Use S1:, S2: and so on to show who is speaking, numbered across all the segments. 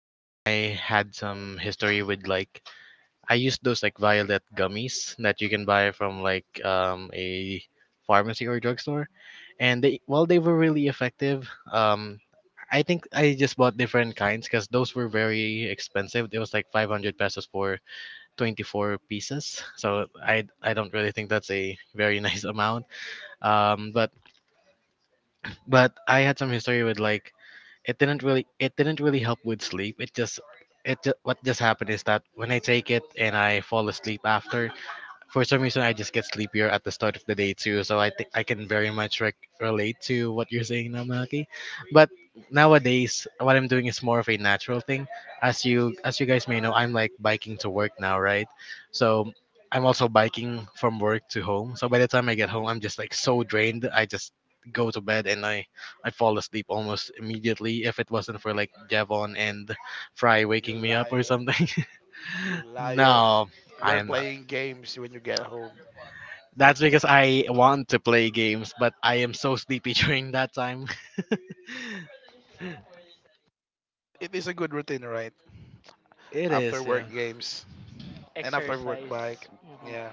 S1: and I had some history with I used those like violet gummies that you can buy from a pharmacy or drugstore, and they while they were really effective. I think I just bought different kinds because those were very expensive. It was like 500 pesos for 24 pieces. So I don't really think that's a very nice amount. Um, but but I had some history with it didn't really help with sleep. What just happened is that when I take it and I fall asleep after, for some reason I just get sleepier at the start of the day too. So I think I can very much rec relate to what you're saying now, Malaki. But nowadays, what I'm doing is more of a natural thing. As you guys may know, I'm like biking to work now, right? So I'm also biking from work to home. So by the time I get home, I'm just like so drained. I just go to bed, and I fall asleep almost immediately. If it wasn't for like Javon and Fry
S2: You
S1: waking me up or
S2: liar.
S1: something.
S2: You liar.
S1: No, I
S2: We're
S1: am not.
S2: playing games when you get home.
S1: That's because I want to play games, but I am so sleepy during that time.
S2: It is a good routine, right?
S1: It
S2: After
S1: is, yeah.
S2: work games and after work bike.
S3: Exercise. Mhm.
S2: Yeah.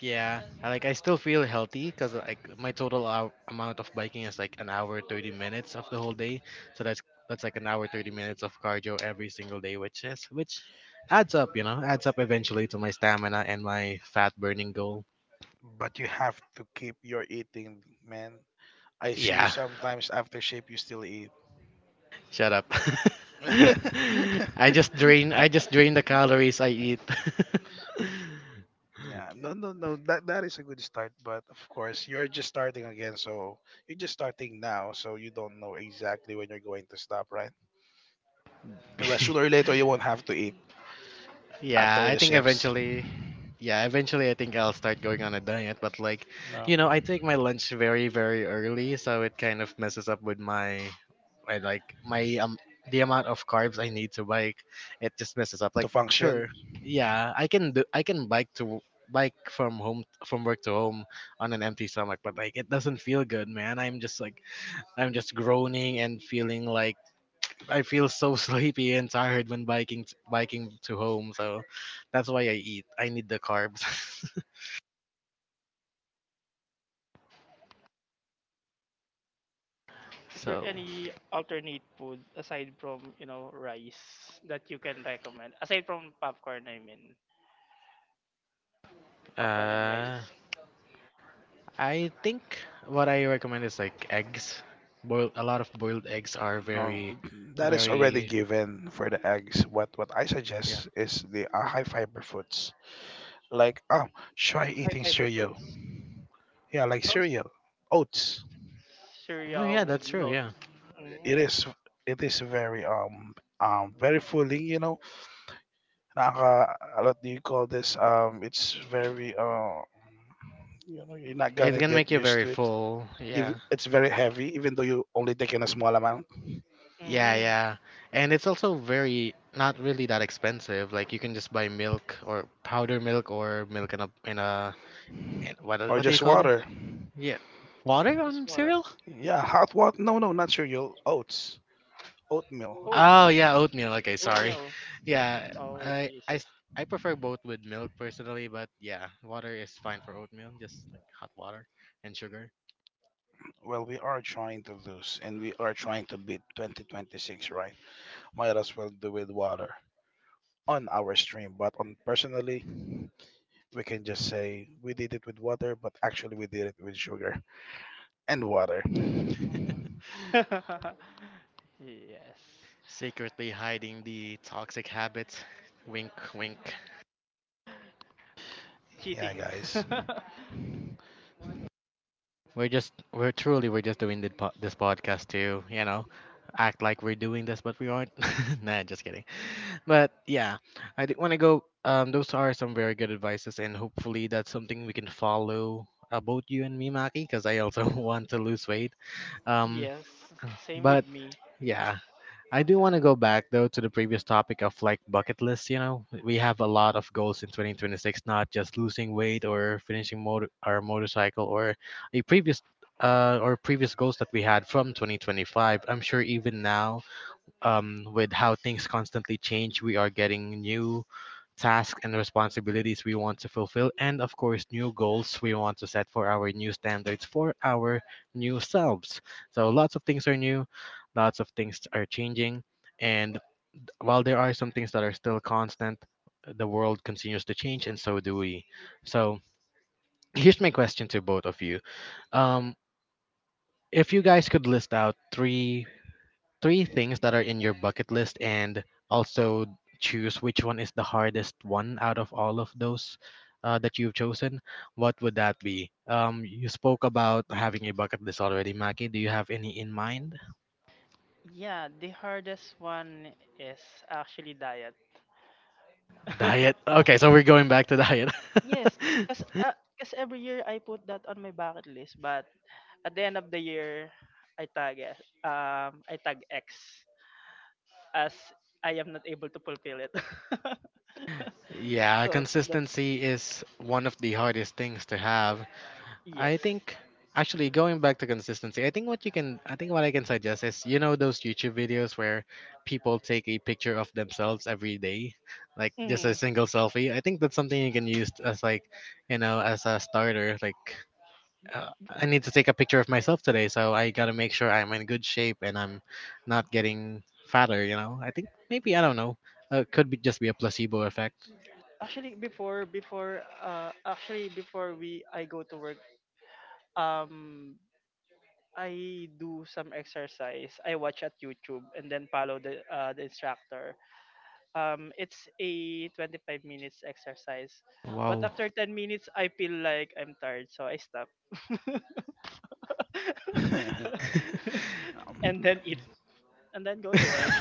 S1: Yeah, like I still feel healthy because like my total hour, amount of biking is like an hour 30 minutes of the whole day. So that's like an hour 30 minutes of cardio every single day, which is which adds up, you know, adds up eventually to my stamina and my fat burning goal.
S2: But you have to keep your eating, man. I see you
S1: Yeah,
S2: sometimes after shape you still eat.
S1: shut up.
S2: yeah,
S1: I just drain the calories I eat.
S2: No. That is a good start, but of course you're just starting again, so you're just starting now, so you don't know exactly when you're going to stop, right? But sooner or later you won't have to eat
S1: Yeah,
S2: after
S1: I
S2: the
S1: think
S2: shifts.
S1: eventually, yeah, eventually I think I'll start going on a diet. But like,
S2: No,
S1: I take my lunch very very early, so it kind of messes up with my like my the amount of carbs I need to bike. It just messes up. Like,
S2: to function.
S1: sure, yeah, I can bike from home from work to home on an empty stomach, but like it doesn't feel good, man. I'm just like I'm just groaning and feeling like I feel so sleepy and tired when biking to home. So that's why I eat. I need the carbs.
S3: Is there
S1: So
S3: any alternate food aside from rice that you can recommend? Aside from popcorn, I mean. Popcorn and
S1: uh,
S3: rice.
S1: I think what I recommend is like eggs. Boiled a lot of boiled eggs are
S2: No, that is already
S1: very
S2: given for the eggs. What I
S1: yeah.
S2: suggest is the high fiber foods. Like try
S3: High
S2: eating
S3: fiber
S2: cereal.
S3: fruits?
S2: Yeah, like
S3: Oh,
S2: cereal, oats.
S1: Oh yeah,
S3: cereal with
S1: that's true.
S3: milk.
S1: Yeah,
S2: It
S3: Mm.
S2: is it is very very filling. You know, Naka, what do you call this? It's very you know, you're not
S1: it
S2: gonna
S1: can
S2: get
S1: make you
S2: used
S1: very
S2: to it.
S1: full. Yeah.
S2: It's very heavy, even though you only taking a small amount
S1: Yeah,
S3: Mm.
S1: yeah. And it's also very not really that expensive. Like you can just buy milk or powder milk or milk in a in a in,
S2: or
S1: what do you
S2: just
S1: call it?
S2: water.
S1: Yeah. Water
S3: Just
S1: on
S3: water.
S1: cereal?
S2: Yeah, hot water. No, no, not cereal. Oats. Oatmeal.
S1: Oh
S3: Oats.
S1: yeah, oatmeal. Okay, sorry.
S3: Oatmeal.
S1: Yeah,
S3: Oh, I
S1: I
S3: see, I
S1: I
S3: see.
S1: s- I prefer both with milk personally, but yeah, water is fine for oatmeal, just like hot water and sugar.
S2: Well, we are trying to lose and we are trying to beat 2026, right? Might as well do with water on our stream. But on personally, we can just say we did it with water, but actually we did it with sugar and water.
S3: yes.
S1: Secretly hiding the toxic habits. Wink, wink.
S2: Yeah,
S3: Cheating.
S2: guys.
S1: We're just we're just doing this podcast to you know act like we're doing this, but we aren't. Nah, just kidding. But yeah, I did want to go. Those are some very good advices, and hopefully that's something we can follow. Both you and me, Maki, because I also want to lose weight. Um,
S3: yes. Same
S1: but
S3: with me.
S1: yeah, I do
S3: Uh,
S1: want to go back though to the previous topic of like bucket list. You know, we have a lot of goals in 2026, not just losing weight or finishing our motorcycle or a previous or previous goals that we had from 2025. I'm sure even now, with how things constantly change, we are getting new tasks and responsibilities we want to fulfill, and of course, new goals we want to set for our new standards for our new selves. So, lots of things are new, lots of things are changing, and while there are some things that are still constant, the world continues to change, and so do we. So, here's my question to both of you. Um, if you guys could list out three things that are in your bucket list, and also choose which one is the hardest one out of all of those that you've chosen, what would that be? You spoke about having a bucket list already, Maki. Do you have any in mind?
S3: Yeah, the hardest one is actually diet.
S1: Diet. Okay, so we're going back to diet.
S3: yes, because cause every year I put that on my bucket list, but at the end of the year, I I tag X as I am not able to fulfill it.
S1: Yeah,
S3: so that's
S1: consistency is one of the hardest things to have.
S3: Yes.
S1: I think actually going back to consistency, I think what you can I think what I can suggest is you know those YouTube videos where people take a picture of themselves every day, like just a
S3: Hmm.
S1: single selfie. I think that's something you can use as like, you know, as a starter. Like uh, I need to take a picture of myself today, so I got to make sure I'm in good shape and I'm not getting fatter, you know. I think maybe I don't know. Could be just be a placebo effect.
S3: Actually, before actually before we I go to work, um I do some exercise. I watch at YouTube and then follow the instructor. It's a 25 minutes exercise, but
S1: Wow.
S3: after 10 minutes, I feel like I'm tired, so I stop.
S2: um,
S3: and then eat, and then go to
S2: uh,
S3: work.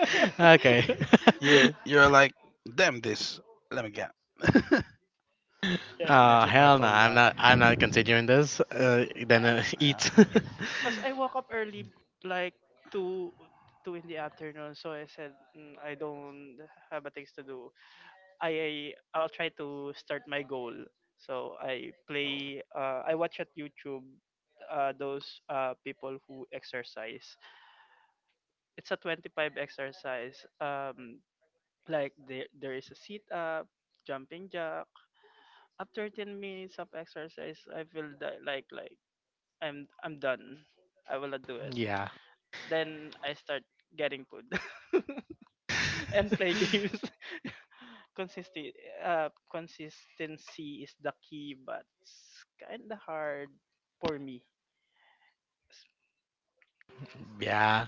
S1: Okay.
S2: you're like damn this. Let me get.
S3: yeah,
S2: Let me put my
S1: Hell no,
S2: phone
S1: I'm
S2: down.
S1: not. I'm not
S3: yeah.
S1: continuing this. Then
S2: Yeah.
S1: eat.
S3: Cause I woke up early, like two two in the afternoon, so I said, "Mm, I don't have a things to do. I'll try to start my goal. So I play. I watch at YouTube, those people who exercise. It's a 25 exercise. Like there is a sit up, jumping jack. After 10 minutes of exercise, I feel that like I'm done. I will not do it.
S1: Yeah.
S3: Then I start getting food and play games. Consistency is the key, but it's kind of hard for me.
S1: Yeah,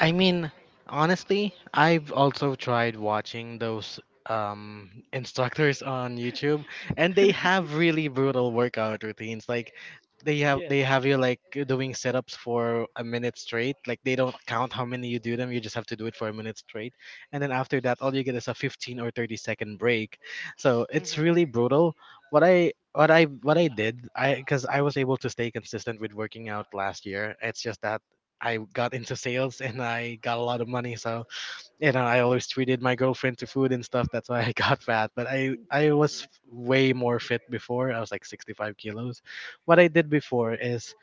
S1: I mean, honestly, I've also tried watching those instructors on YouTube, and they have really brutal workout routines. Like they
S3: yes.
S1: have you like doing setups for a minute straight. Like they don't count how many you do them. You just have to do it for a minute straight, and then after that, all
S3: Yes.
S1: you get is a 15 or 30 second break. So it's
S3: Mhm.
S1: really brutal. What I did, I because I was able to stay consistent with working out last year. It's just that I got into sales and I got a lot of money. So, you know, I always treated my girlfriend to food and stuff. That's why I got fat. But I was
S3: Mm.
S1: way more fit before. I was like 65 kilos. What I did before is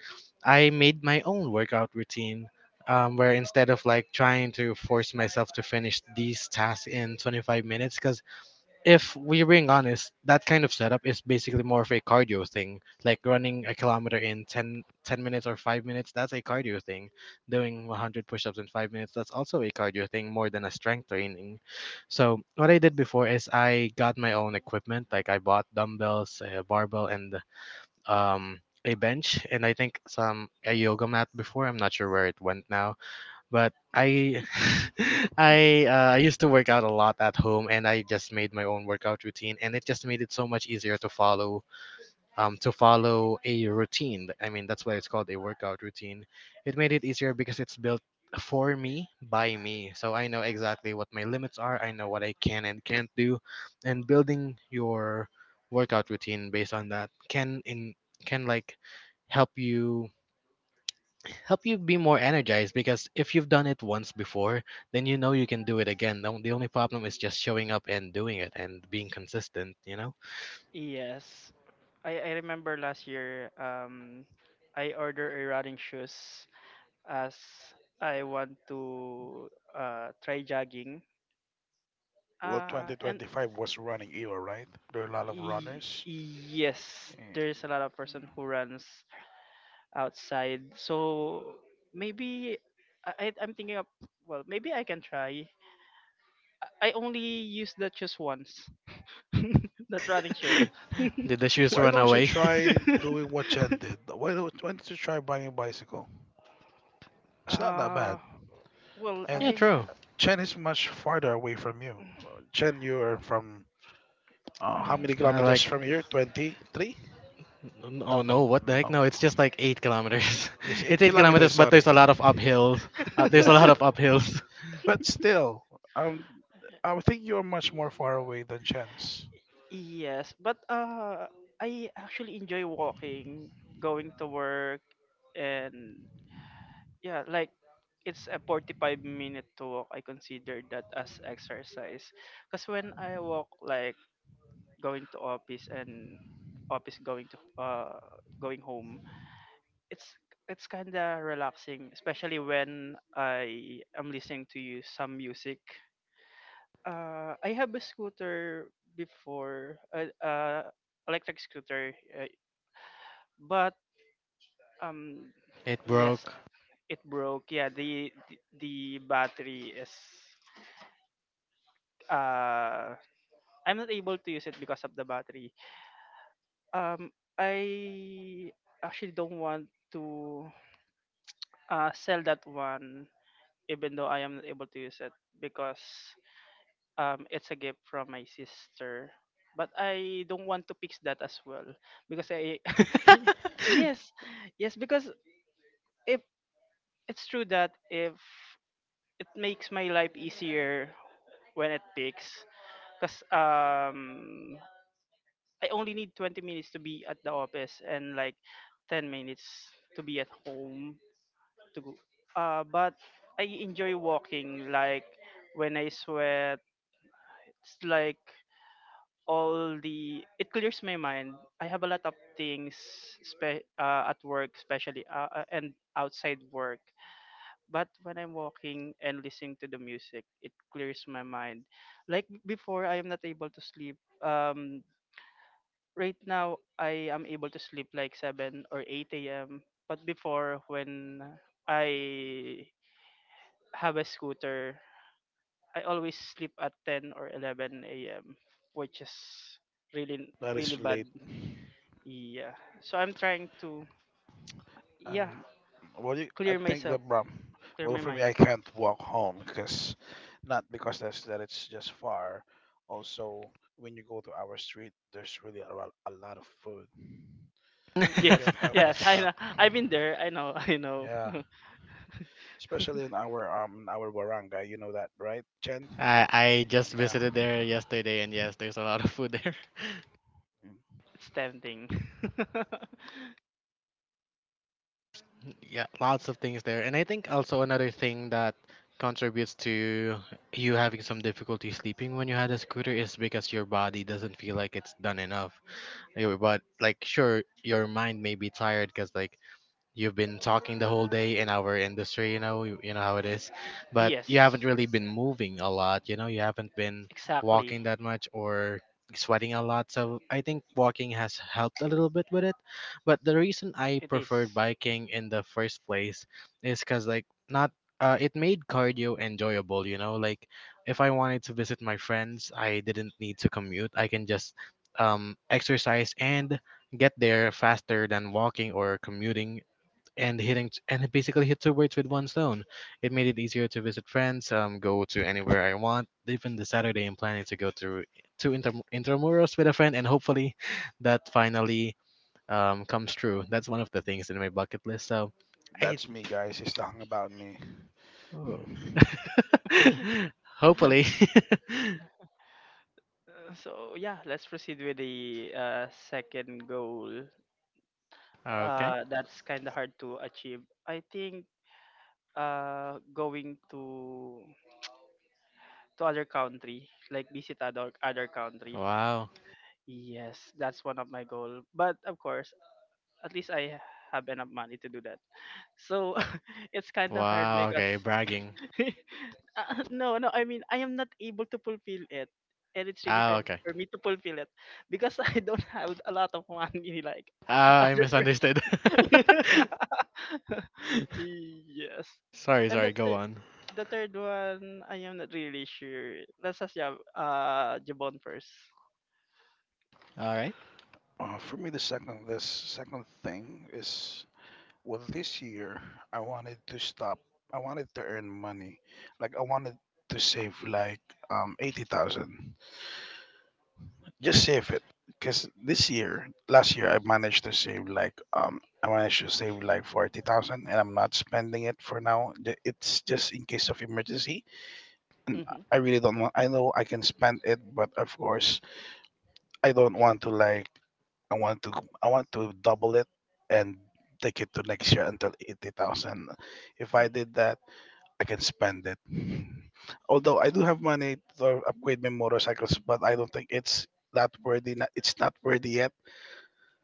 S1: I made my own workout routine. Where instead of like trying to force myself to finish these tasks in 25 minutes, because if we're being honest, that kind of setup is basically more of a cardio thing. Like running a kilometer in 10 minutes or 5 minutes, that's a cardio thing. Doing 100 push ups in 5 minutes, that's also a cardio thing more than a strength training. So, what I did before is I got my own equipment. Like, I bought dumbbells, a barbell, and um, a bench, and I think some a yoga mat before. I'm not sure where it went now, but I I used to work out a lot at home, and I just made my own workout routine, and it just made it so much easier to follow a routine. I mean, that's why it's called a workout routine. It made it easier because it's built for me by me, so I know exactly what my limits are. I know what I can and can't do, and building your workout routine based on that can like help you help you be more energized because if you've done it once before, then you know you can do it again. The only problem is just showing up and doing it and being consistent, you know?
S3: Yes. I remember last year, I ordered a running shoes as I want to try jogging.
S2: Well,
S3: Uh and
S2: 2025 was running era, right? There are a lot of
S3: y-
S2: runners.
S3: yes, there's a lot of person who runs outside. So maybe I'm thinking of, well, maybe I can try. I only use the shoes once, that running shoes.
S1: Did the shoes
S2: Why
S1: run
S2: don't you
S1: away?
S2: try doing what Chen did? Why don't you try buying a bicycle? It's not that bad.
S3: uh, well,
S2: And
S1: Yeah, true.
S2: Chen is much farther away from you. Chen, you're from how many
S1: I like,
S2: kilometers from here? 23?
S1: oh
S2: No,
S1: no,
S2: no,
S1: what the heck?
S2: no.
S1: No, it's just like 8 kilometers.
S2: Yes, 8
S1: It's 8 kilometers,
S2: kilometers,
S1: but there's
S2: sorry.
S1: a lot of uphills. There's a
S2: Yeah.
S1: lot of uphills.
S2: But still, um, I would think you're much more far away than Chen's.
S3: yes, but I actually enjoy walking, going to work, and yeah, like it's a 45 minute to walk. I consider that as exercise because when I walk, like going to office and office going to going home, it's it's kind of relaxing, especially when I am listening to you some music. I have a scooter before, electric scooter, but um
S1: It
S3: yes,
S1: broke.
S3: it broke. Yeah, the battery is, uh I'm not able to use it because of the battery. um I actually don't want to, sell that one even though I am not able to use it because, it's a gift from my sister. But I don't want to fix that as well because I... yes, yes, because if it's true that if it makes my life easier when it peaks, because, I only need 20 minutes to be at the office and like 10 minutes to be at home to go. But I enjoy walking. Like when I sweat, it's like all the it clears my mind. I have a lot of things at work, especially, and outside work. But when I'm walking and listening to the music, it clears my mind. Like before, I am not able to sleep. Um, right now, I am able to sleep like 7 or 8 a.m. But before, when I have a scooter, I always sleep at 10 or 11 a.m., which is really
S2: That
S3: really
S2: is
S3: bad.
S2: late.
S3: Yeah. So I'm trying to, yeah,
S2: Um, well, you, I
S3: clear
S2: think
S3: myself,
S2: that
S3: clear
S2: well
S3: my
S2: for me,
S3: mind.
S2: I can't walk home because not because that's that it's just far. Also, when you go to our street, there's really a lot of food. You can't
S3: Yes.
S2: help but
S3: Yes, I
S2: stop.
S3: know. I've been there. I know. I know.
S2: Yeah, especially in our barangay, you know that, right, Chen?
S1: I just
S2: Yeah,
S1: visited there yesterday, and yes, there's a lot of food there.
S3: it's tempting.
S1: Yeah, lots of things there. And I think also another thing that contributes to you having some difficulty sleeping when you had a scooter is because your body doesn't feel like it's done enough. But like sure your mind may be tired because like you've been talking the whole day in our industry, you know, you know how it is, but you
S3: yes.
S1: haven't really been moving a lot, you know, you haven't been
S3: Exactly.
S1: walking that much or sweating a lot. So I think walking has helped a little bit with it. But the reason I
S3: It is.
S1: preferred biking in the first place is because, like, not it made cardio enjoyable, you know, like if I wanted to visit my friends, I didn't need to commute, I can just exercise and get there faster than walking or commuting, and hitting and it basically hit two birds with one stone. It made it easier to visit friends, go to anywhere I want. Even this Saturday, I'm planning to go to to intramuros with a friend, and hopefully, that finally comes true. That's one of the things in my bucket list. So, I
S2: that's me, guys. He's talking about me.
S1: oh. Hopefully.
S3: so yeah, let's proceed with the, second goal.
S1: Okay.
S3: That's kind of hard to achieve. I think, going to other country, like visit other country.
S1: Wow.
S3: Yes, that's one of my goal. But of course, at least I have enough money to do that. So it's kind of hard
S1: Wow.
S3: because,
S1: Okay. Bragging.
S3: no, no, I mean I am not able to fulfill it. And it's really
S1: Ah.
S3: hard
S1: Okay.
S3: for me to fulfill it because I don't have a lot of money like
S1: Ah. I
S3: other person.
S1: misunderstood.
S3: yes.
S1: Sorry.
S3: And
S1: Sorry.
S3: that
S1: Go on.
S3: the third one, I am not really sure. Let's ask Jabon first.
S1: All right.
S2: For me, the second thing is well, this year I wanted to stop. I wanted to earn money. Like I wanted to save like 80,000. Just save it cuz this year, last year I managed to save like 40,000 and I'm not spending it for now. It's just in case of emergency. And
S3: Mm-hmm.
S2: I really don't want I know I can spend it, but of course, I don't want to like I want to I want to double it and take it to next year until 80,000. If I did that, I can spend it. Although I do have money to upgrade my motorcycles, but I don't think it's that worthy. It's not worthy yet.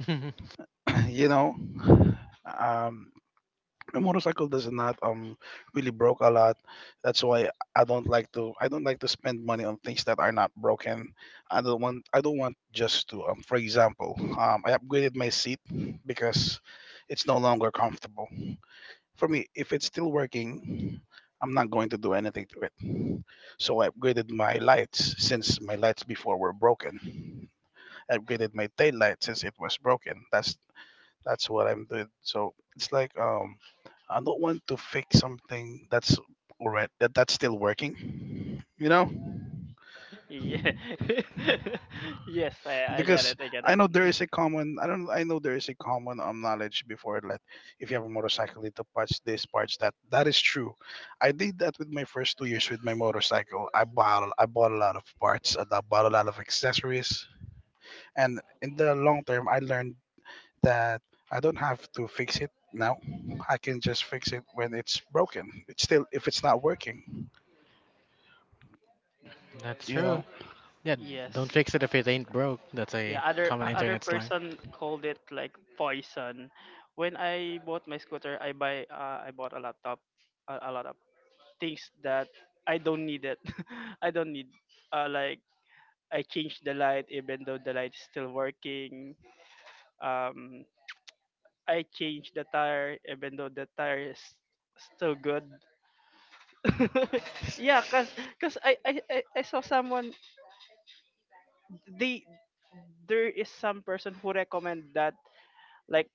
S2: You know, um, my motorcycle does not really broke a lot. That's why I don't like to spend money on things that are not broken. I don't want just to for example I upgraded my seat because it's no longer comfortable. For me, if it's still working, I'm not going to do anything to it. So I upgraded my lights since my lights before were broken. I upgraded my tail light since it was broken. That's what I'm doing. So it's like I don't want to fix something that's that's still working. You know,
S3: Yeah. yes, I get
S2: because
S3: it. I get it. Mm.
S2: I know there is a common knowledge before like if you have a motorcycle need to patch this patch that, that is true. I did that with my first 2 years with my motorcycle. I bought a lot of parts and I bought a lot of accessories, and in the long term I learned that I don't have to fix it now. I can just fix it when it's broken. It's still if it's not working,
S1: That's
S2: you
S1: true.
S2: know.
S1: Yeah, don't
S3: Yes.
S1: fix it if it ain't broke. That's a
S3: Yeah, other
S1: common
S3: o- other
S1: internet slang.
S3: person called it like poison. When I bought my scooter, I bought a laptop, a lot of things that I don't need it. I don't need, like I changed the light even though the light is still working. Um I changed the tire even though the tire is still good. yeah, Cause I saw someone. They There is some person who recommend that, like,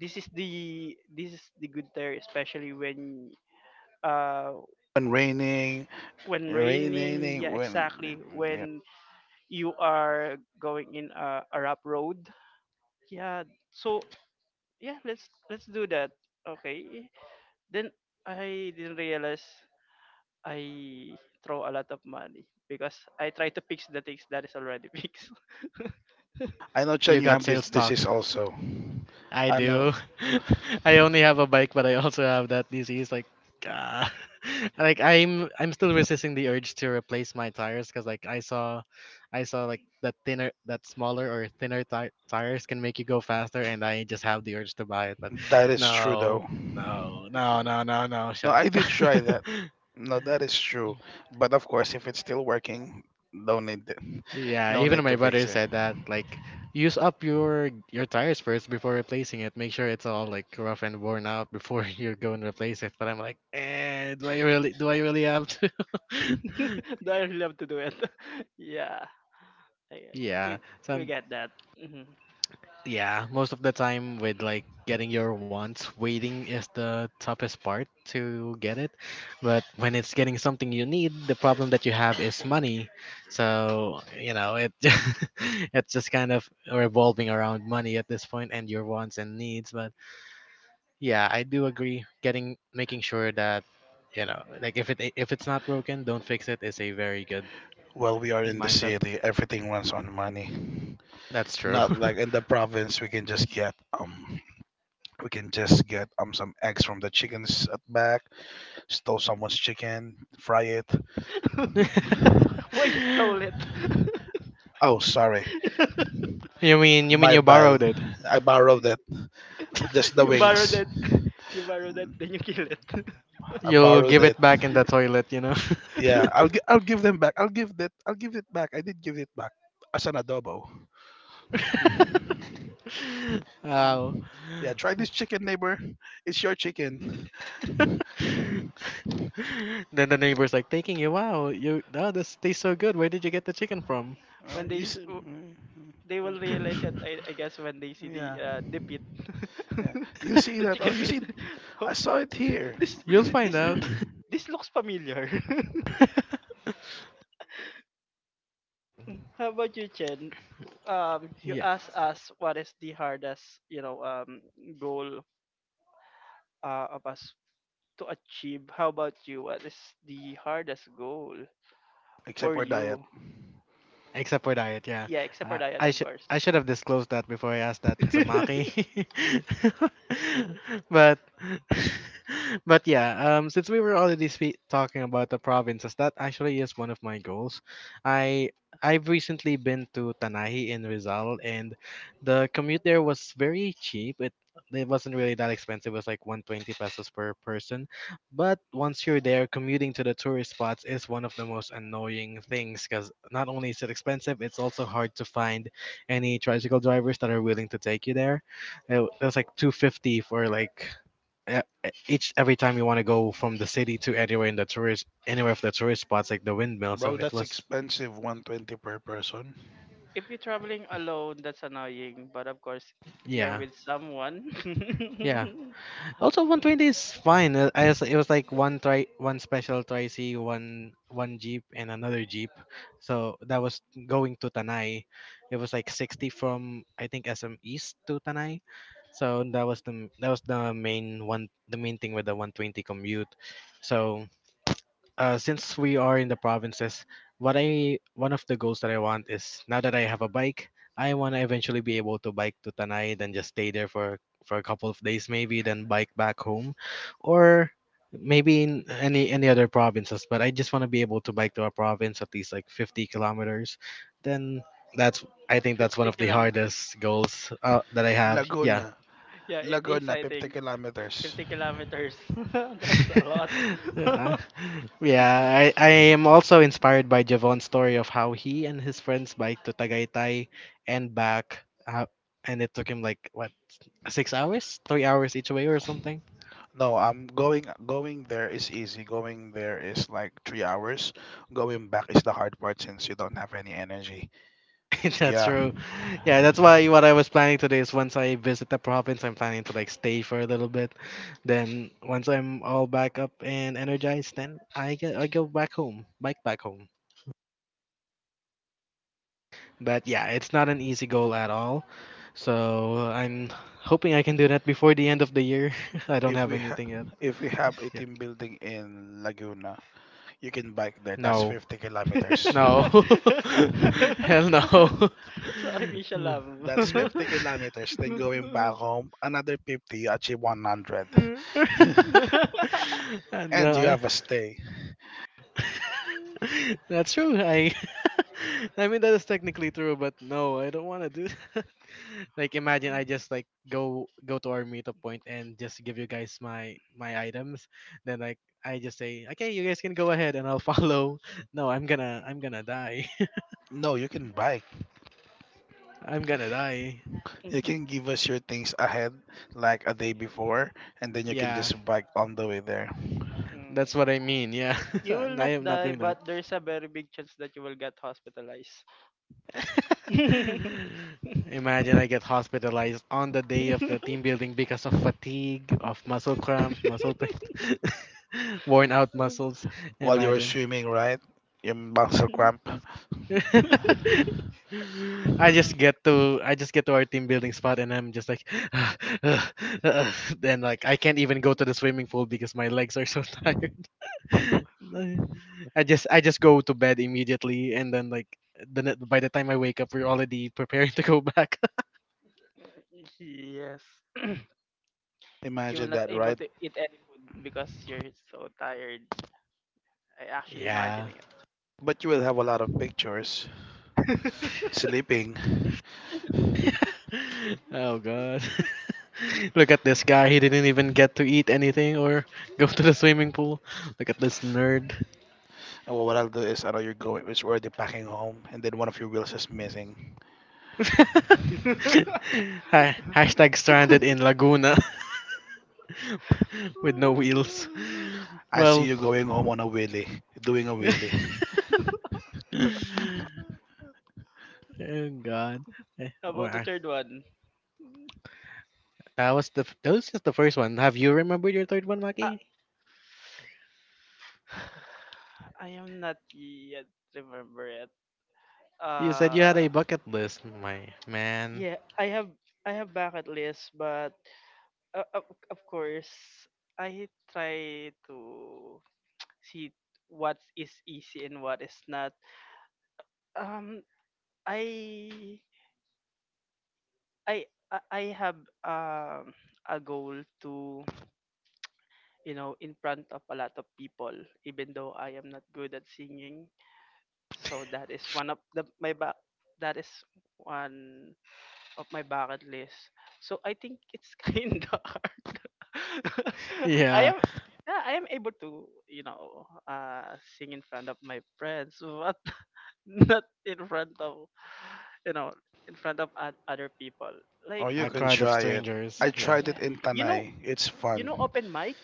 S3: this is the good tire, especially when, uh
S2: When raining,
S3: raining,
S2: raining
S3: yeah,
S2: when
S3: exactly, when you are going in a rough road. Yeah, so yeah, let's do that. Okay, then I didn't realize I throw a lot of money because I try to fix the things that is already fixed.
S2: I know,
S1: You
S2: Chen, you
S1: got
S2: have this
S1: sales
S2: disease
S1: talked.
S2: also.
S1: I
S2: I know
S1: do. I only have a bike, but I also have that disease. Like, ah. Like I'm still resisting the urge to replace my tires because like I saw like that thinner, that smaller or thinner tires can make you go faster, and I just have the urge to buy it. But
S2: that is true,
S1: no,
S2: though.
S1: no, no, no, no, no.
S2: No,
S1: Shut up.
S2: I did try that. No, that is true. But of course, if it's still working, no need,
S1: Yeah,
S2: no
S1: even
S2: need
S1: my
S2: to fix
S1: brother
S2: it.
S1: said that. Like, use up your tires first before replacing it. Make sure it's all like rough and worn out before you go and replace it. But I'm like, eh, do I really have to?
S3: Do I love to do it? yeah, I, I- we
S1: Yeah,
S3: we
S1: some
S3: get that. Mhm.
S1: yeah, most of the time with like getting your wants, waiting is the toughest part to get it. But when it's getting something you need, the problem that you have is money. So, you know, it it's just kind of revolving around money at this point and your wants and needs, but yeah, I do agree getting making sure that, you know, like if it's not broken, don't fix it is a very good
S2: Well, we are in the
S1: mindset.
S2: city. Everything runs on money.
S1: That's true.
S2: Not like in the province, we can just get um, some eggs from the chickens at back, stole someone's chicken, fry it.
S3: Why you stole it?
S2: Oh, sorry,
S1: You mean you mean
S2: my
S1: you
S2: bad.
S1: borrowed it?
S2: I borrowed it. Just the
S3: you borrowed
S2: wings.
S3: it. You borrowed it, then you kill it.
S2: I
S1: You'll
S2: borrowed
S1: give
S2: it.
S1: it back in the toilet, you know?
S2: Yeah, I'll gi- I'll give them back. I'll give that. I'll give it back. I did give it back as an adobo.
S1: Wow.
S2: Mm. Yeah, try this chicken, neighbor. It's your chicken.
S1: Then the neighbor's like taking you, wow, you oh, this tastes so good. Where did you get the chicken from?
S3: when
S2: You
S3: they
S2: see,
S3: w- they will realize
S2: mm-hmm.
S3: it, I guess when they see the
S2: Yeah,
S3: uh, the pit,
S2: yeah. You see
S3: the
S2: that? Oh,
S3: chicken
S2: you
S3: pit.
S2: see, I saw it here.
S3: This,
S1: You'll
S3: thi-
S1: find
S3: this
S1: out.
S3: l- this looks familiar. How about you, Chen? You
S1: Yeah.
S3: asked us what is the hardest, goal of us to achieve. How about you? What is the hardest goal
S2: Except
S3: for
S2: for diet,
S3: you?
S1: Except for diet, yeah.
S3: Yeah, except for diet, of course.
S1: I should have disclosed that before I asked that to Maki. But but yeah, since we were already talking about the provinces, that actually is one of my goals. I I've recently been to Tanahi in Rizal, and the commute there was very cheap. It wasn't really that expensive. It was like 120 pesos per person, but once you're there, commuting to the tourist spots is one of the most annoying things because not only is it expensive, it's also hard to find any tricycle drivers that are willing to take you there. It was like 250 for like e- each every time you want to go from the city to anywhere in the tourist anywhere of the tourist spots like the windmill. So
S2: bro.
S1: it
S2: That's
S1: was
S2: expensive. 120 per person.
S3: if you're traveling alone, that's annoying. But of course, if you're
S1: yeah,
S3: with someone.
S1: yeah. Also, 120 is fine. I was, it was like one tri, one special tri C, one one jeep, and another jeep. So that was going to Tanay. It was like 60 from I think SM East to Tanay. So that was the main one the main thing with the 120 commute. So since we are in the provinces, what I one of the goals that I want is now that I have a bike, I want to eventually be able to bike to Tanay, then just stay there for a couple of days maybe, then bike back home, or maybe in any other provinces. But I just want to be able to bike to a province at least like 50 kilometers. Then that's I think that's one
S3: 50
S1: of the
S3: kilometers.
S1: hardest goals that I have. Yeah.
S2: Laguna,
S3: Yeah, it is,
S2: Laguna,
S3: I
S2: fifty
S3: think.
S2: kilometers.
S3: 50 kilometers. that's a lot.
S1: Uh, yeah, I am also inspired by Javon's story of how he and his friends biked to Tagaytay and back, uh, and it took him like what, 6 hours, 3 hours each way or something.
S2: No, I'm going there is easy. Going there is like 3 hours. Going back is the hard part since you don't have any energy.
S1: That's
S2: Yeah.
S1: true. Yeah, that's why what I was planning today is once I visit the province, I'm planning to like stay for a little bit. Then once I'm all back up and energized, then I go back home, bike back home. But yeah, it's not an easy goal at all. So I'm hoping I can do that before the end of the year. I don't
S2: If
S1: have
S2: we ha-
S1: anything yet.
S2: if we have a
S1: Yeah.
S2: team building in Laguna, you can bike there. That's
S1: No.
S2: 50 kilometers.
S1: No. Hell no.
S3: Sacrificial lamb.
S2: That's 50 kilometers. Then going back home, another 50, you achieve 100. and you
S1: No.
S2: have a stay.
S1: That's true. I I mean that is technically true, but no, I don't want to do that. Like imagine I just like go to our meetup point and just give you guys my my items. Then like I just say, "Okay, you guys can go ahead and I'll follow." No, I'm going to die.
S2: No, you can bike.
S1: I'm going to die.
S2: You can give us your things ahead, like a day before, and then you can
S1: Yeah,
S2: just bike on the way there.
S1: that's
S3: Mm.
S1: what I mean. Yeah.
S3: You will
S1: I
S3: not
S1: am not
S3: die,
S1: doing that.
S3: but there's a very big chance that you will get hospitalized.
S1: Imagine I get hospitalized on the day of the team building because of fatigue, of muscle cramps, muscle pain, worn out muscles.
S2: While you were
S1: Imagine.
S2: swimming, right? Your muscle cramp.
S1: I just get to our team building spot and I'm just like then like I can't even go to the swimming pool because my legs are so tired. I just go to bed immediately and then like by the time I wake up we're already preparing to go back.
S3: yes. You will
S2: Imagine
S3: not
S2: that,
S3: able
S2: right?
S3: to eat anything because you're so tired. I actually
S1: Yeah.
S3: imagining it.
S2: But you will have a lot of pictures. Sleeping.
S1: Oh god. Look at this guy. He didn't even get to eat anything or go to the swimming pool. Look at this nerd.
S2: And what I'll do is I know you're going, it's already packing home, and then one of your wheels is missing.
S1: Hashtag stranded in Laguna with no wheels.
S2: I see
S1: Well,
S2: you going home on a wheelie, doing a wheelie.
S3: How
S1: oh god. Eh,
S3: about the third one?
S1: that was just the first one. Have you remembered your third one,
S3: Ah,
S1: Maki?
S3: I am not yet remember it.
S1: You said you had a
S3: Uh,
S1: bucket list. My man.
S3: yeah, I have bucket list, but, of course I try to see what is easy and what is not. Um, I I have, a goal to in front of a lot of people, even though I am not good at singing. So that is one of my bucket list. So I think it's kind of hard. I
S1: Yeah,
S3: am Yeah, I am able to, sing in front of my friends, but not in front of, you know, in front of other people. Like
S2: Or you
S1: a
S2: can
S1: crowd of
S2: try it.
S1: strangers.
S2: I
S1: Yeah.
S2: tried
S3: yeah,
S2: it in
S3: you know,
S2: Tanay. It's
S3: you
S2: fun.
S3: know open mic.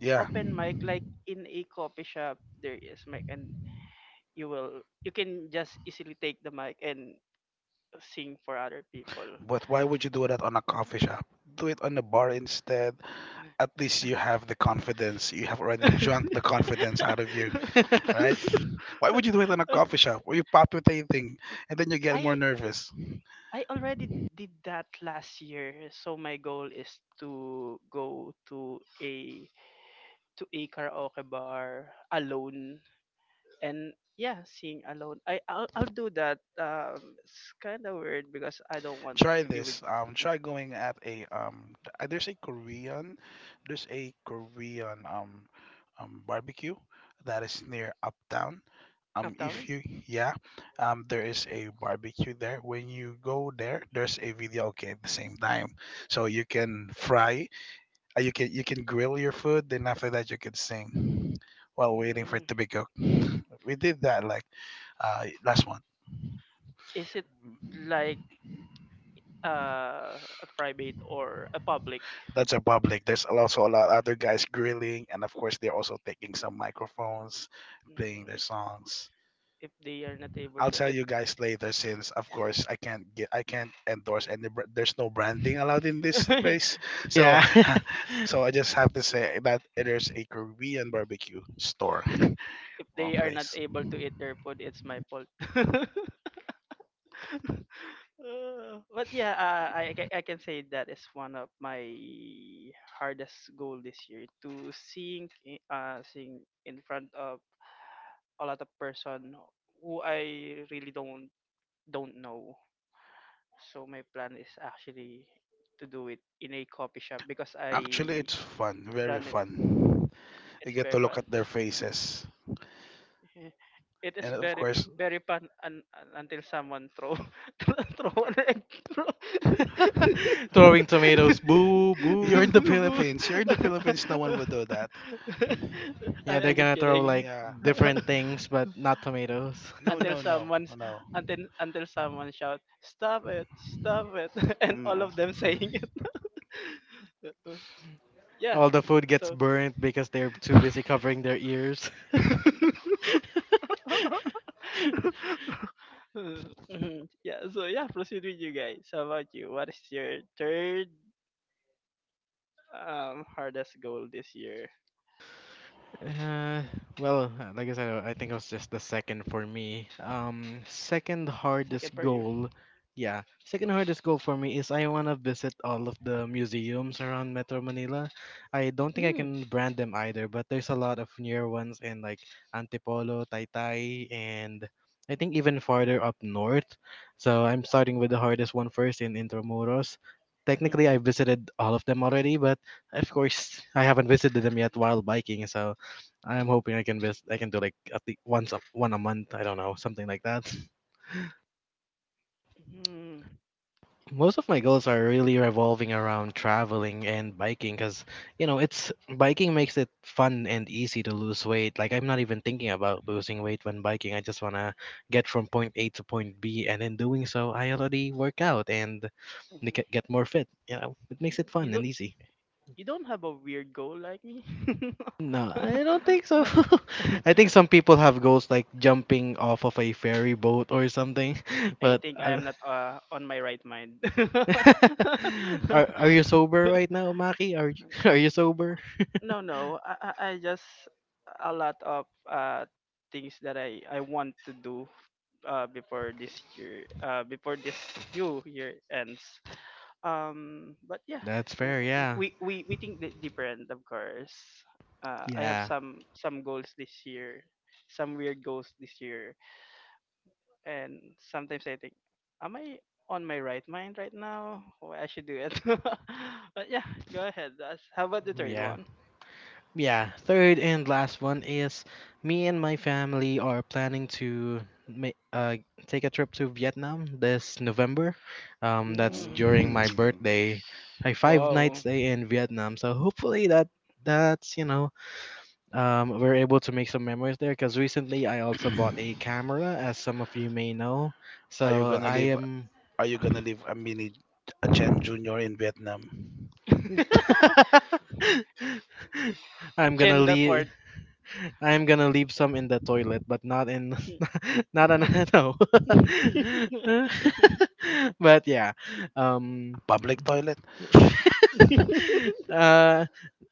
S2: Yeah,
S3: Open mic, like in a coffee shop there is mic and you can just easily take the mic and sing for other people.
S2: but why would you do that on a coffee shop? Do it on a bar instead. At least you have the confidence. You have already drunk the confidence out of you, right? Why would you do it in a coffee shop where you pop with anything and then you get more
S3: I
S2: nervous?
S3: I already did that last year, so my goal is to go to a karaoke bar alone and, yeah, sing alone. I'll do that. It's kind of weird because I don't want
S2: Try
S3: to be with...
S2: this. Try going at a there's a Korean, there's a Korean barbecue that is near Uptown. If
S3: Uptown.
S2: you yeah, there is a barbecue there. When you go there, there's a video okay at the same time, so you can fry you can grill your food, then after that you can sing while waiting for
S3: Mm,
S2: it to be cooked. We did that like last one.
S3: is it like, a private or a public?
S2: That's a public. There's also a lot other guys grilling, and of course they're also taking some microphones, playing their
S3: Mm,
S2: songs.
S3: if they are not able
S2: I'll
S3: to
S2: tell
S3: eat...
S2: you guys later, since of course I can't endorse any. There's no branding allowed in this place, so
S1: Yeah.
S2: so I just have to say that there's a Korean barbecue store
S3: if
S2: or
S3: they are not
S2: place.
S3: able to eat their food, it's my fault. But yeah, I can say that is one of my hardest goal this year, to seeing in front of a lot of person who I really don't know. So my plan is actually to do it in a coffee shop because
S2: Actually,
S3: I
S2: it's fun, very
S3: done it,
S2: fun. You
S3: it's
S2: get
S3: very
S2: to look
S3: fun.
S2: at their faces.
S3: It
S2: And
S3: is
S2: of
S3: very
S2: course,
S3: very fun, until someone throw, throw an egg. Throw.
S1: Throwing tomatoes. Boo, boo.
S2: you're in the Philippines. You're in the Philippines. No one would do that.
S3: I,
S1: Yeah, they're
S3: I'm just
S1: gonna throw
S3: kidding.
S1: like
S2: Yeah.
S1: different things, but not tomatoes.
S2: No,
S3: until
S2: no, no,
S3: someone's.
S2: no.
S3: Until someone shout, "Stop it, stop it!" and
S2: Mm,
S3: all of them saying it. yeah,
S1: All the food gets
S3: so.
S1: burnt because they're too busy covering their ears.
S3: Mhm. Yeah, so yeah, proceed with you guys. How about you? What is your third, hardest goal this year?
S1: Uh, well, like I said, I think it was just the second for me. Second hardest
S3: Second for you.
S1: goal, yeah, second hardest goal for me is I wanna visit all of the museums around Metro Manila. I don't think I
S3: Mm.
S1: can brand them either, but there's a lot of near ones in like Antipolo, Taytay, and I think even farther up north. So I'm starting with the hardest one first in Intramuros. Technically, I
S3: Mm-hmm.
S1: visited all of them already, but of course, I haven't visited them yet while biking, so I'm hoping I can do like at least one a month. I don't know, something like that.
S3: Mm-hmm.
S1: Most of my goals are really revolving around traveling and biking because you know it's biking makes it fun and easy to lose weight. Like I'm not even thinking about losing weight when biking. I just wanna get from point A to point B, and in doing so, I already work out and
S3: Mm-hmm.
S1: get more fit. You know, it makes it
S3: You
S1: fun and
S3: don't
S1: easy.
S3: you don't have a weird goal like me.
S1: No, I don't think so. I think some people have goals like jumping off of a ferry boat or something.
S3: I
S1: But
S3: think I
S1: I
S3: am
S1: don't-
S3: not, on my right mind.
S1: Are you sober right now, Maki? Are you are you sober?
S3: No, no. I just a lot of things that I want to do, before this year, before this new year ends. But yeah,
S1: That's
S3: w-
S1: fair.
S3: w-
S1: Yeah.
S3: we we we think different, of course. I have
S1: Yeah.
S3: some goals this year, some weird goals this year, and sometimes I think, am I on my right mind right now? Why I should do it. but yeah, go ahead. How about the third
S1: Yeah.
S3: one?
S1: Yeah, third and last one is me and my family are planning to ma- uh, take a trip to Vietnam this November. That's during
S3: Mm.
S1: my
S2: mm.
S1: birthday, a five night
S3: Wow.
S1: stay in Vietnam. So hopefully that's, you know, we're able to make some memories there. Because recently I also bought a camera, as some of you may know.
S2: Are you
S1: So
S2: gonna
S1: I
S2: leave?
S1: am
S2: Are you gonna leave a mini a Chen Junior in Vietnam?
S1: I'm gonna
S3: Chen the
S1: leave.
S3: fourth.
S1: I'm gonna leave some in the toilet, but not in,
S3: mm-hmm.
S1: not on, no. But yeah, um,
S2: Public toilet.
S1: uh,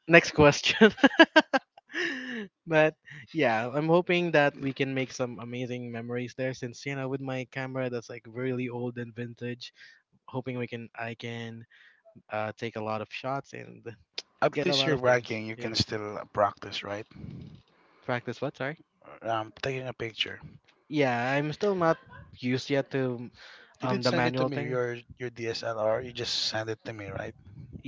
S1: next question. But yeah, I'm hoping that we can make some amazing memories there, since you know, with my camera that's like really old and vintage. Hoping I can, take a lot of shots and
S2: At
S1: get a
S2: least
S1: lot
S2: you're
S1: of things.
S2: bragging. You
S1: Yeah.
S2: can still practice, right?
S1: Practice what? Sorry.
S2: Taking a picture.
S1: Yeah, I'm still not used yet to
S2: You did
S1: the
S2: send it to
S1: manual
S2: me.
S1: thing.
S2: Your DSLR. You just send it to me, right?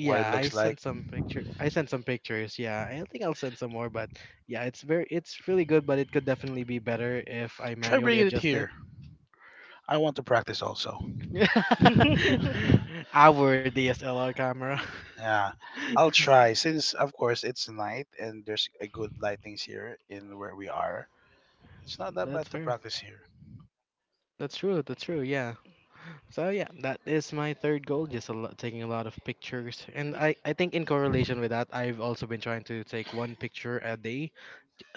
S2: What it
S1: I
S2: looks like.
S1: sent some picture. I sent some pictures. Yeah, I think I'll send some more. But yeah, it's very, it's really good. But it could definitely be better if I
S2: Try
S1: manually
S2: bringing it
S1: adjust it.
S2: here. I want to practice also.
S1: Our DSLR camera.
S2: Yeah, I'll try since, of course, it's night and there's a good lightings here in where we are. It's not that
S1: That's
S2: bad to
S1: fair.
S2: practice here.
S1: That's true. That's true. Yeah. So yeah, that is my third goal. Just a lot, taking a lot of pictures, and I think in correlation with that, I've also been trying to take one picture a day.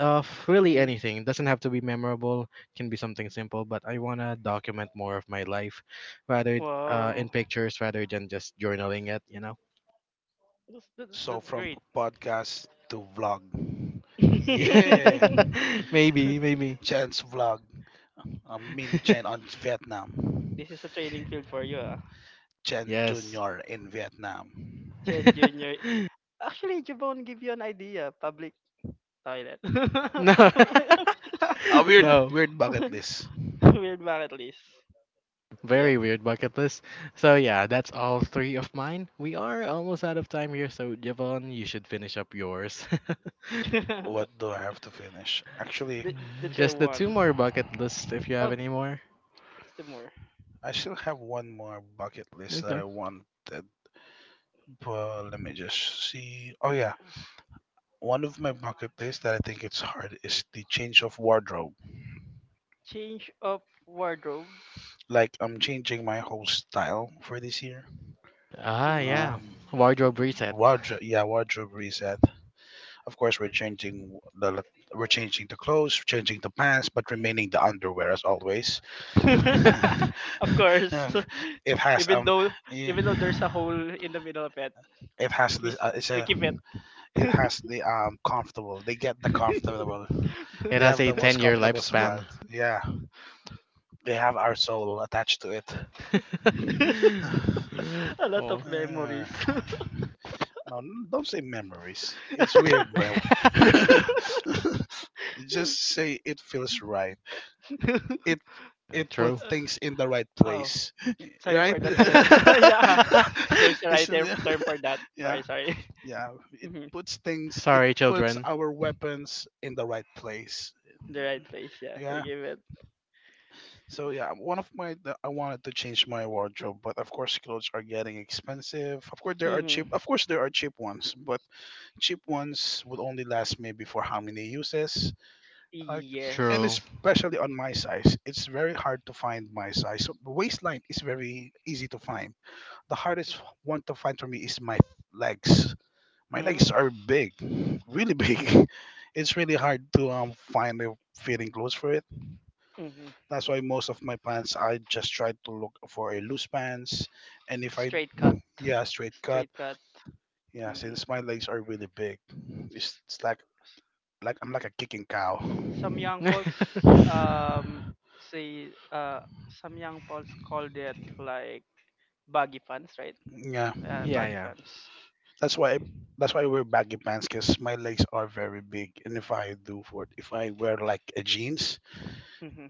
S1: Really anything. It doesn't have to be memorable. Can be something simple, but I wanna document more of my life, rather in
S3: Wow.
S1: pictures rather than just journaling it. You know.
S3: That's, that's,
S2: So
S3: that's
S2: from
S3: great.
S2: podcast to vlog.
S1: Yeah.
S3: this
S2: Yeah,
S1: Maybe, maybe.
S2: Chen's vlog, a mini Chen on Vietnam.
S3: is a training field for you, ah.
S2: Chen
S1: Yes.
S2: Junior in Vietnam.
S3: Chen Junior. Actually, Jabon give you an idea. Public toilet.
S1: No.
S2: A weird,
S1: No.
S2: weird bucket list.
S3: Weird bucket list. Yeah.
S1: Very weird bucket list. So yeah, that's all three of mine. We are almost out of time here, so Javon, you should finish up yours.
S2: What do I have to finish? Actually,
S3: The chair
S1: Just the
S3: one.
S1: two more bucket lists if you have
S3: Oh,
S1: any more.
S3: what's the more?
S2: I still have one more bucket list that I
S1: Okay.
S2: wanted. Well, let me just see. Oh yeah, one of my bucket list that I think it's hard is the change of wardrobe.
S3: Change of wardrobe.
S2: Like I'm changing my whole style for this year.
S1: Ah,
S3: Mm.
S1: yeah.
S2: Um,
S1: Wardrobe
S3: Mhm.
S1: reset.
S2: wardrobe, yeah, wardrobe reset. Of course, the l- we're changing the clothes, changing the pants, but remaining the underwear as always.
S3: of
S2: Um,
S3: course.
S2: it has
S3: even though
S2: yeah,
S3: even though there's a hole in the middle of it,
S2: it has
S3: we
S2: this
S3: s- we keep it.
S2: it has the comfortable. They get the comfortable.
S1: It
S2: They
S1: has
S2: have
S1: a
S2: the most
S1: 10-year
S2: comfortable spot.
S1: lifespan.
S2: Yeah. They have our soul attached to it.
S3: a lot of
S1: Oh.
S2: Uh,
S3: memories.
S2: no, don't say memories. It's weird, bro. Just say it feels right. It it
S1: True.
S2: puts things in the right
S3: oh,
S2: place,
S3: sorry
S2: right?
S3: for the term. yeah, there's a
S2: It's-
S3: right term for that.
S2: yeah,
S3: Sorry, sorry.
S2: yeah. It
S3: Mhm.
S2: puts things. It
S1: Sorry,
S2: puts
S1: children.
S2: our weapons in the right place.
S3: The right place. Yeah, we
S2: Yeah.
S3: give it.
S2: So yeah, one of my the- I wanted to change my wardrobe, but of course clothes are getting expensive.
S3: Hmm.
S2: Of course there are cheap ones, but cheap ones would only last maybe for how many uses? Like, and
S1: True.
S3: Yes.
S2: especially on my size, it's very hard to find my size. So the waistline is very easy to find. The hardest one to find for me is my legs. My legs
S3: Mm-hmm.
S2: are big, really big. It's really hard to find a fitting clothes for it. That's why most of my pants, I just try to look for a loose pants. And if I,
S3: Straight cut.
S2: yeah, straight cut.
S3: Straight cut.
S2: Yeah,
S3: Hmm.
S2: since my legs are really big, it's like I'm like a kicking cow.
S3: Some young folks um say some young folks call that, like, baggy pants, right?
S2: Yeah,
S1: Yeah,
S3: Baggy
S1: yeah.
S3: pants.
S2: that's why that's why I wear baggy pants because my legs are very big, and if I do for if I wear like a jeans,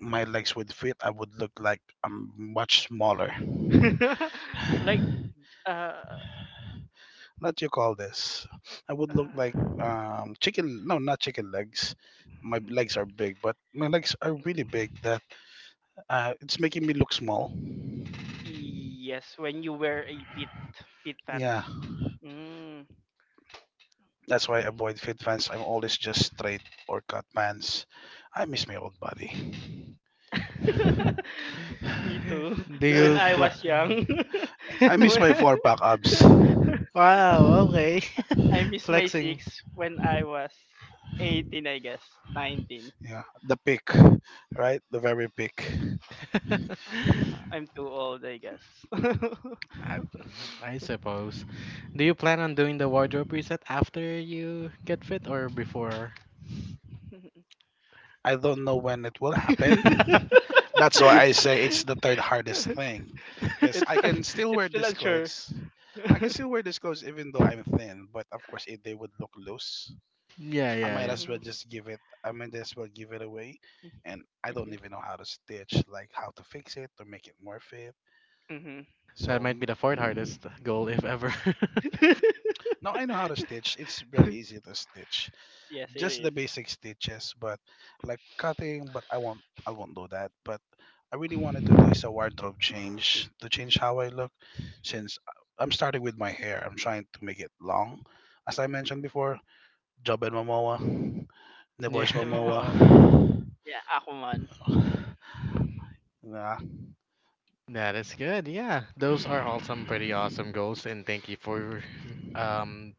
S2: my legs would fit. I would look like I'm much smaller.
S3: like, uh,
S2: what you call this? I would look like
S3: uh
S2: chicken. No, not chicken legs. Legs are big, but my legs are really big that it's making me look small.
S3: yes, when you wear a pit pants.
S2: Yeah,
S3: Mm.
S2: that's why I avoid fit pants. I'm always just straight or cut pants. I miss my old body.
S3: Me too.
S1: Do
S2: Ugh,
S3: When
S1: you
S3: I
S1: pla-
S3: was young.
S2: I miss my
S3: When-
S2: four pack abs.
S1: Wow, okay.
S3: I miss my
S1: Flexing.
S3: six when I was 18, I guess. 19.
S2: Yeah, the peak, right? The very peak.
S3: Uh, I'm too old, I guess.
S1: I, I suppose. Do you plan on doing the wardrobe reset after you get fit or before?
S2: I don't know when it will happen.
S1: Yeah,
S2: That's why I say it's the third hardest thing. Because
S3: it's
S2: I can still
S3: it's
S2: wear
S3: still
S2: these
S3: unsure.
S2: clothes. I can still wear these clothes even though I'm thin, but of course if they would look loose,
S1: yeah.
S3: Mhm.
S2: I might as well give it away. And I don't
S3: Mhm.
S2: even know how to stitch, like how to fix it or make it more fit.
S3: Mhm.
S1: That
S2: So
S1: might be the fourth
S2: mm,
S1: hardest goal, if ever.
S2: now I know how to stitch. It's very easy to stitch.
S3: yes, it
S2: Just the
S3: is.
S2: basic stitches, but like cutting, but I won't do that. But I really wanted to do is a wardrobe change to change how I look since I'm starting with my hair. I'm trying to make it long. As I mentioned before, Job and Momoa,
S1: Yeah,
S2: Neboj
S3: Diba mo?
S2: Momoa.
S3: Yeah, ako man.
S2: Nah,
S1: that is good. Yeah, those are all some pretty awesome goals, and thank you for um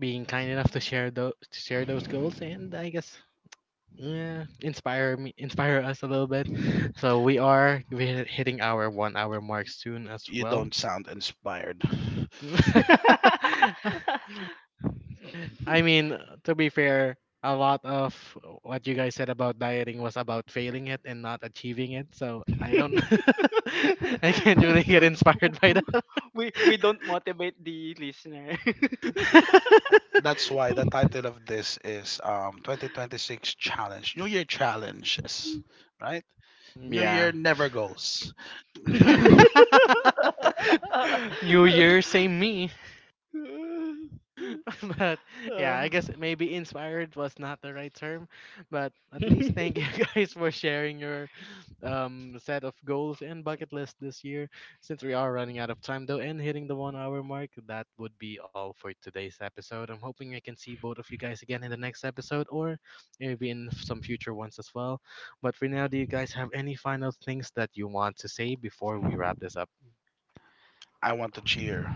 S1: being kind enough to share those goals. And I guess yeah, inspire us a little bit. So we are we hitting our 1 hour mark soon as
S2: you
S1: well.
S2: don't sound inspired.
S1: I mean, to be fair, a lot of what you guys said about dieting was about failing it and not achieving it. So I don't, I can't really get inspired by that.
S3: We don't motivate the listener.
S2: That's why the title of this is 2026 challenge, New Year challenges, right? New
S1: Yeah.
S2: Year never goes. I
S1: New Year, same me. But yeah, I
S3: Uh.
S1: guess maybe inspired was not the right term, but at least thank you guys for sharing your set of goals and bucket list this year. Since we are running out of time though and hitting the 1 hour mark, that would be all for today's episode. I'm hoping I can see both of you guys again in the next episode or maybe in some future ones as well. But for now, do you guys have any final things that you want to say before we wrap this up?
S2: want to cheer.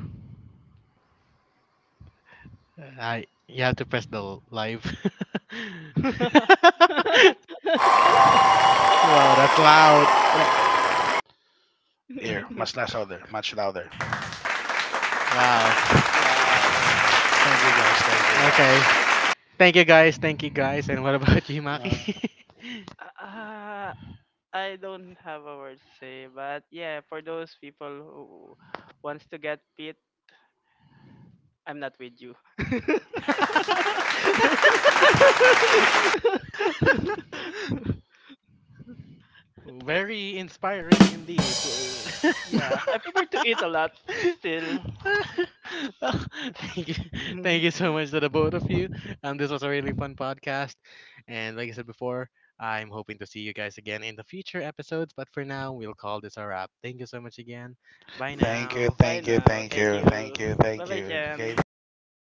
S1: I you have to press live. Wow, that's loud. That-
S2: Here, much less louder, much louder.
S1: Wow.
S2: Thank
S3: yeah.
S2: you
S3: Well,
S2: guys, thank
S1: Okay.
S2: you guys.
S1: Thank you guys. Thank you guys. And what about you, Maki?
S2: Uh,
S3: Uh, I don't have a word to say, but yeah, for those people who wants to get fit, I'm not with you.
S1: Very inspiring indeed.
S3: yeah, I prefer to eat a lot still.
S1: Oh, thank you, thank you so much to the both of you. This was a really fun podcast, and like I said before, I'm hoping to see you guys again in the future episodes. But for now, we'll call this a wrap. Thank you so much again. Bye
S2: thank you,
S1: now.
S3: Bye
S2: thank you,
S3: now.
S2: thank
S3: Thank
S2: you,
S3: you.
S2: thank you,
S3: Bye
S2: thank
S3: bye,
S2: you, thank
S3: Jan.
S2: you, thank you,
S3: Bye,
S2: thank
S3: Jabo.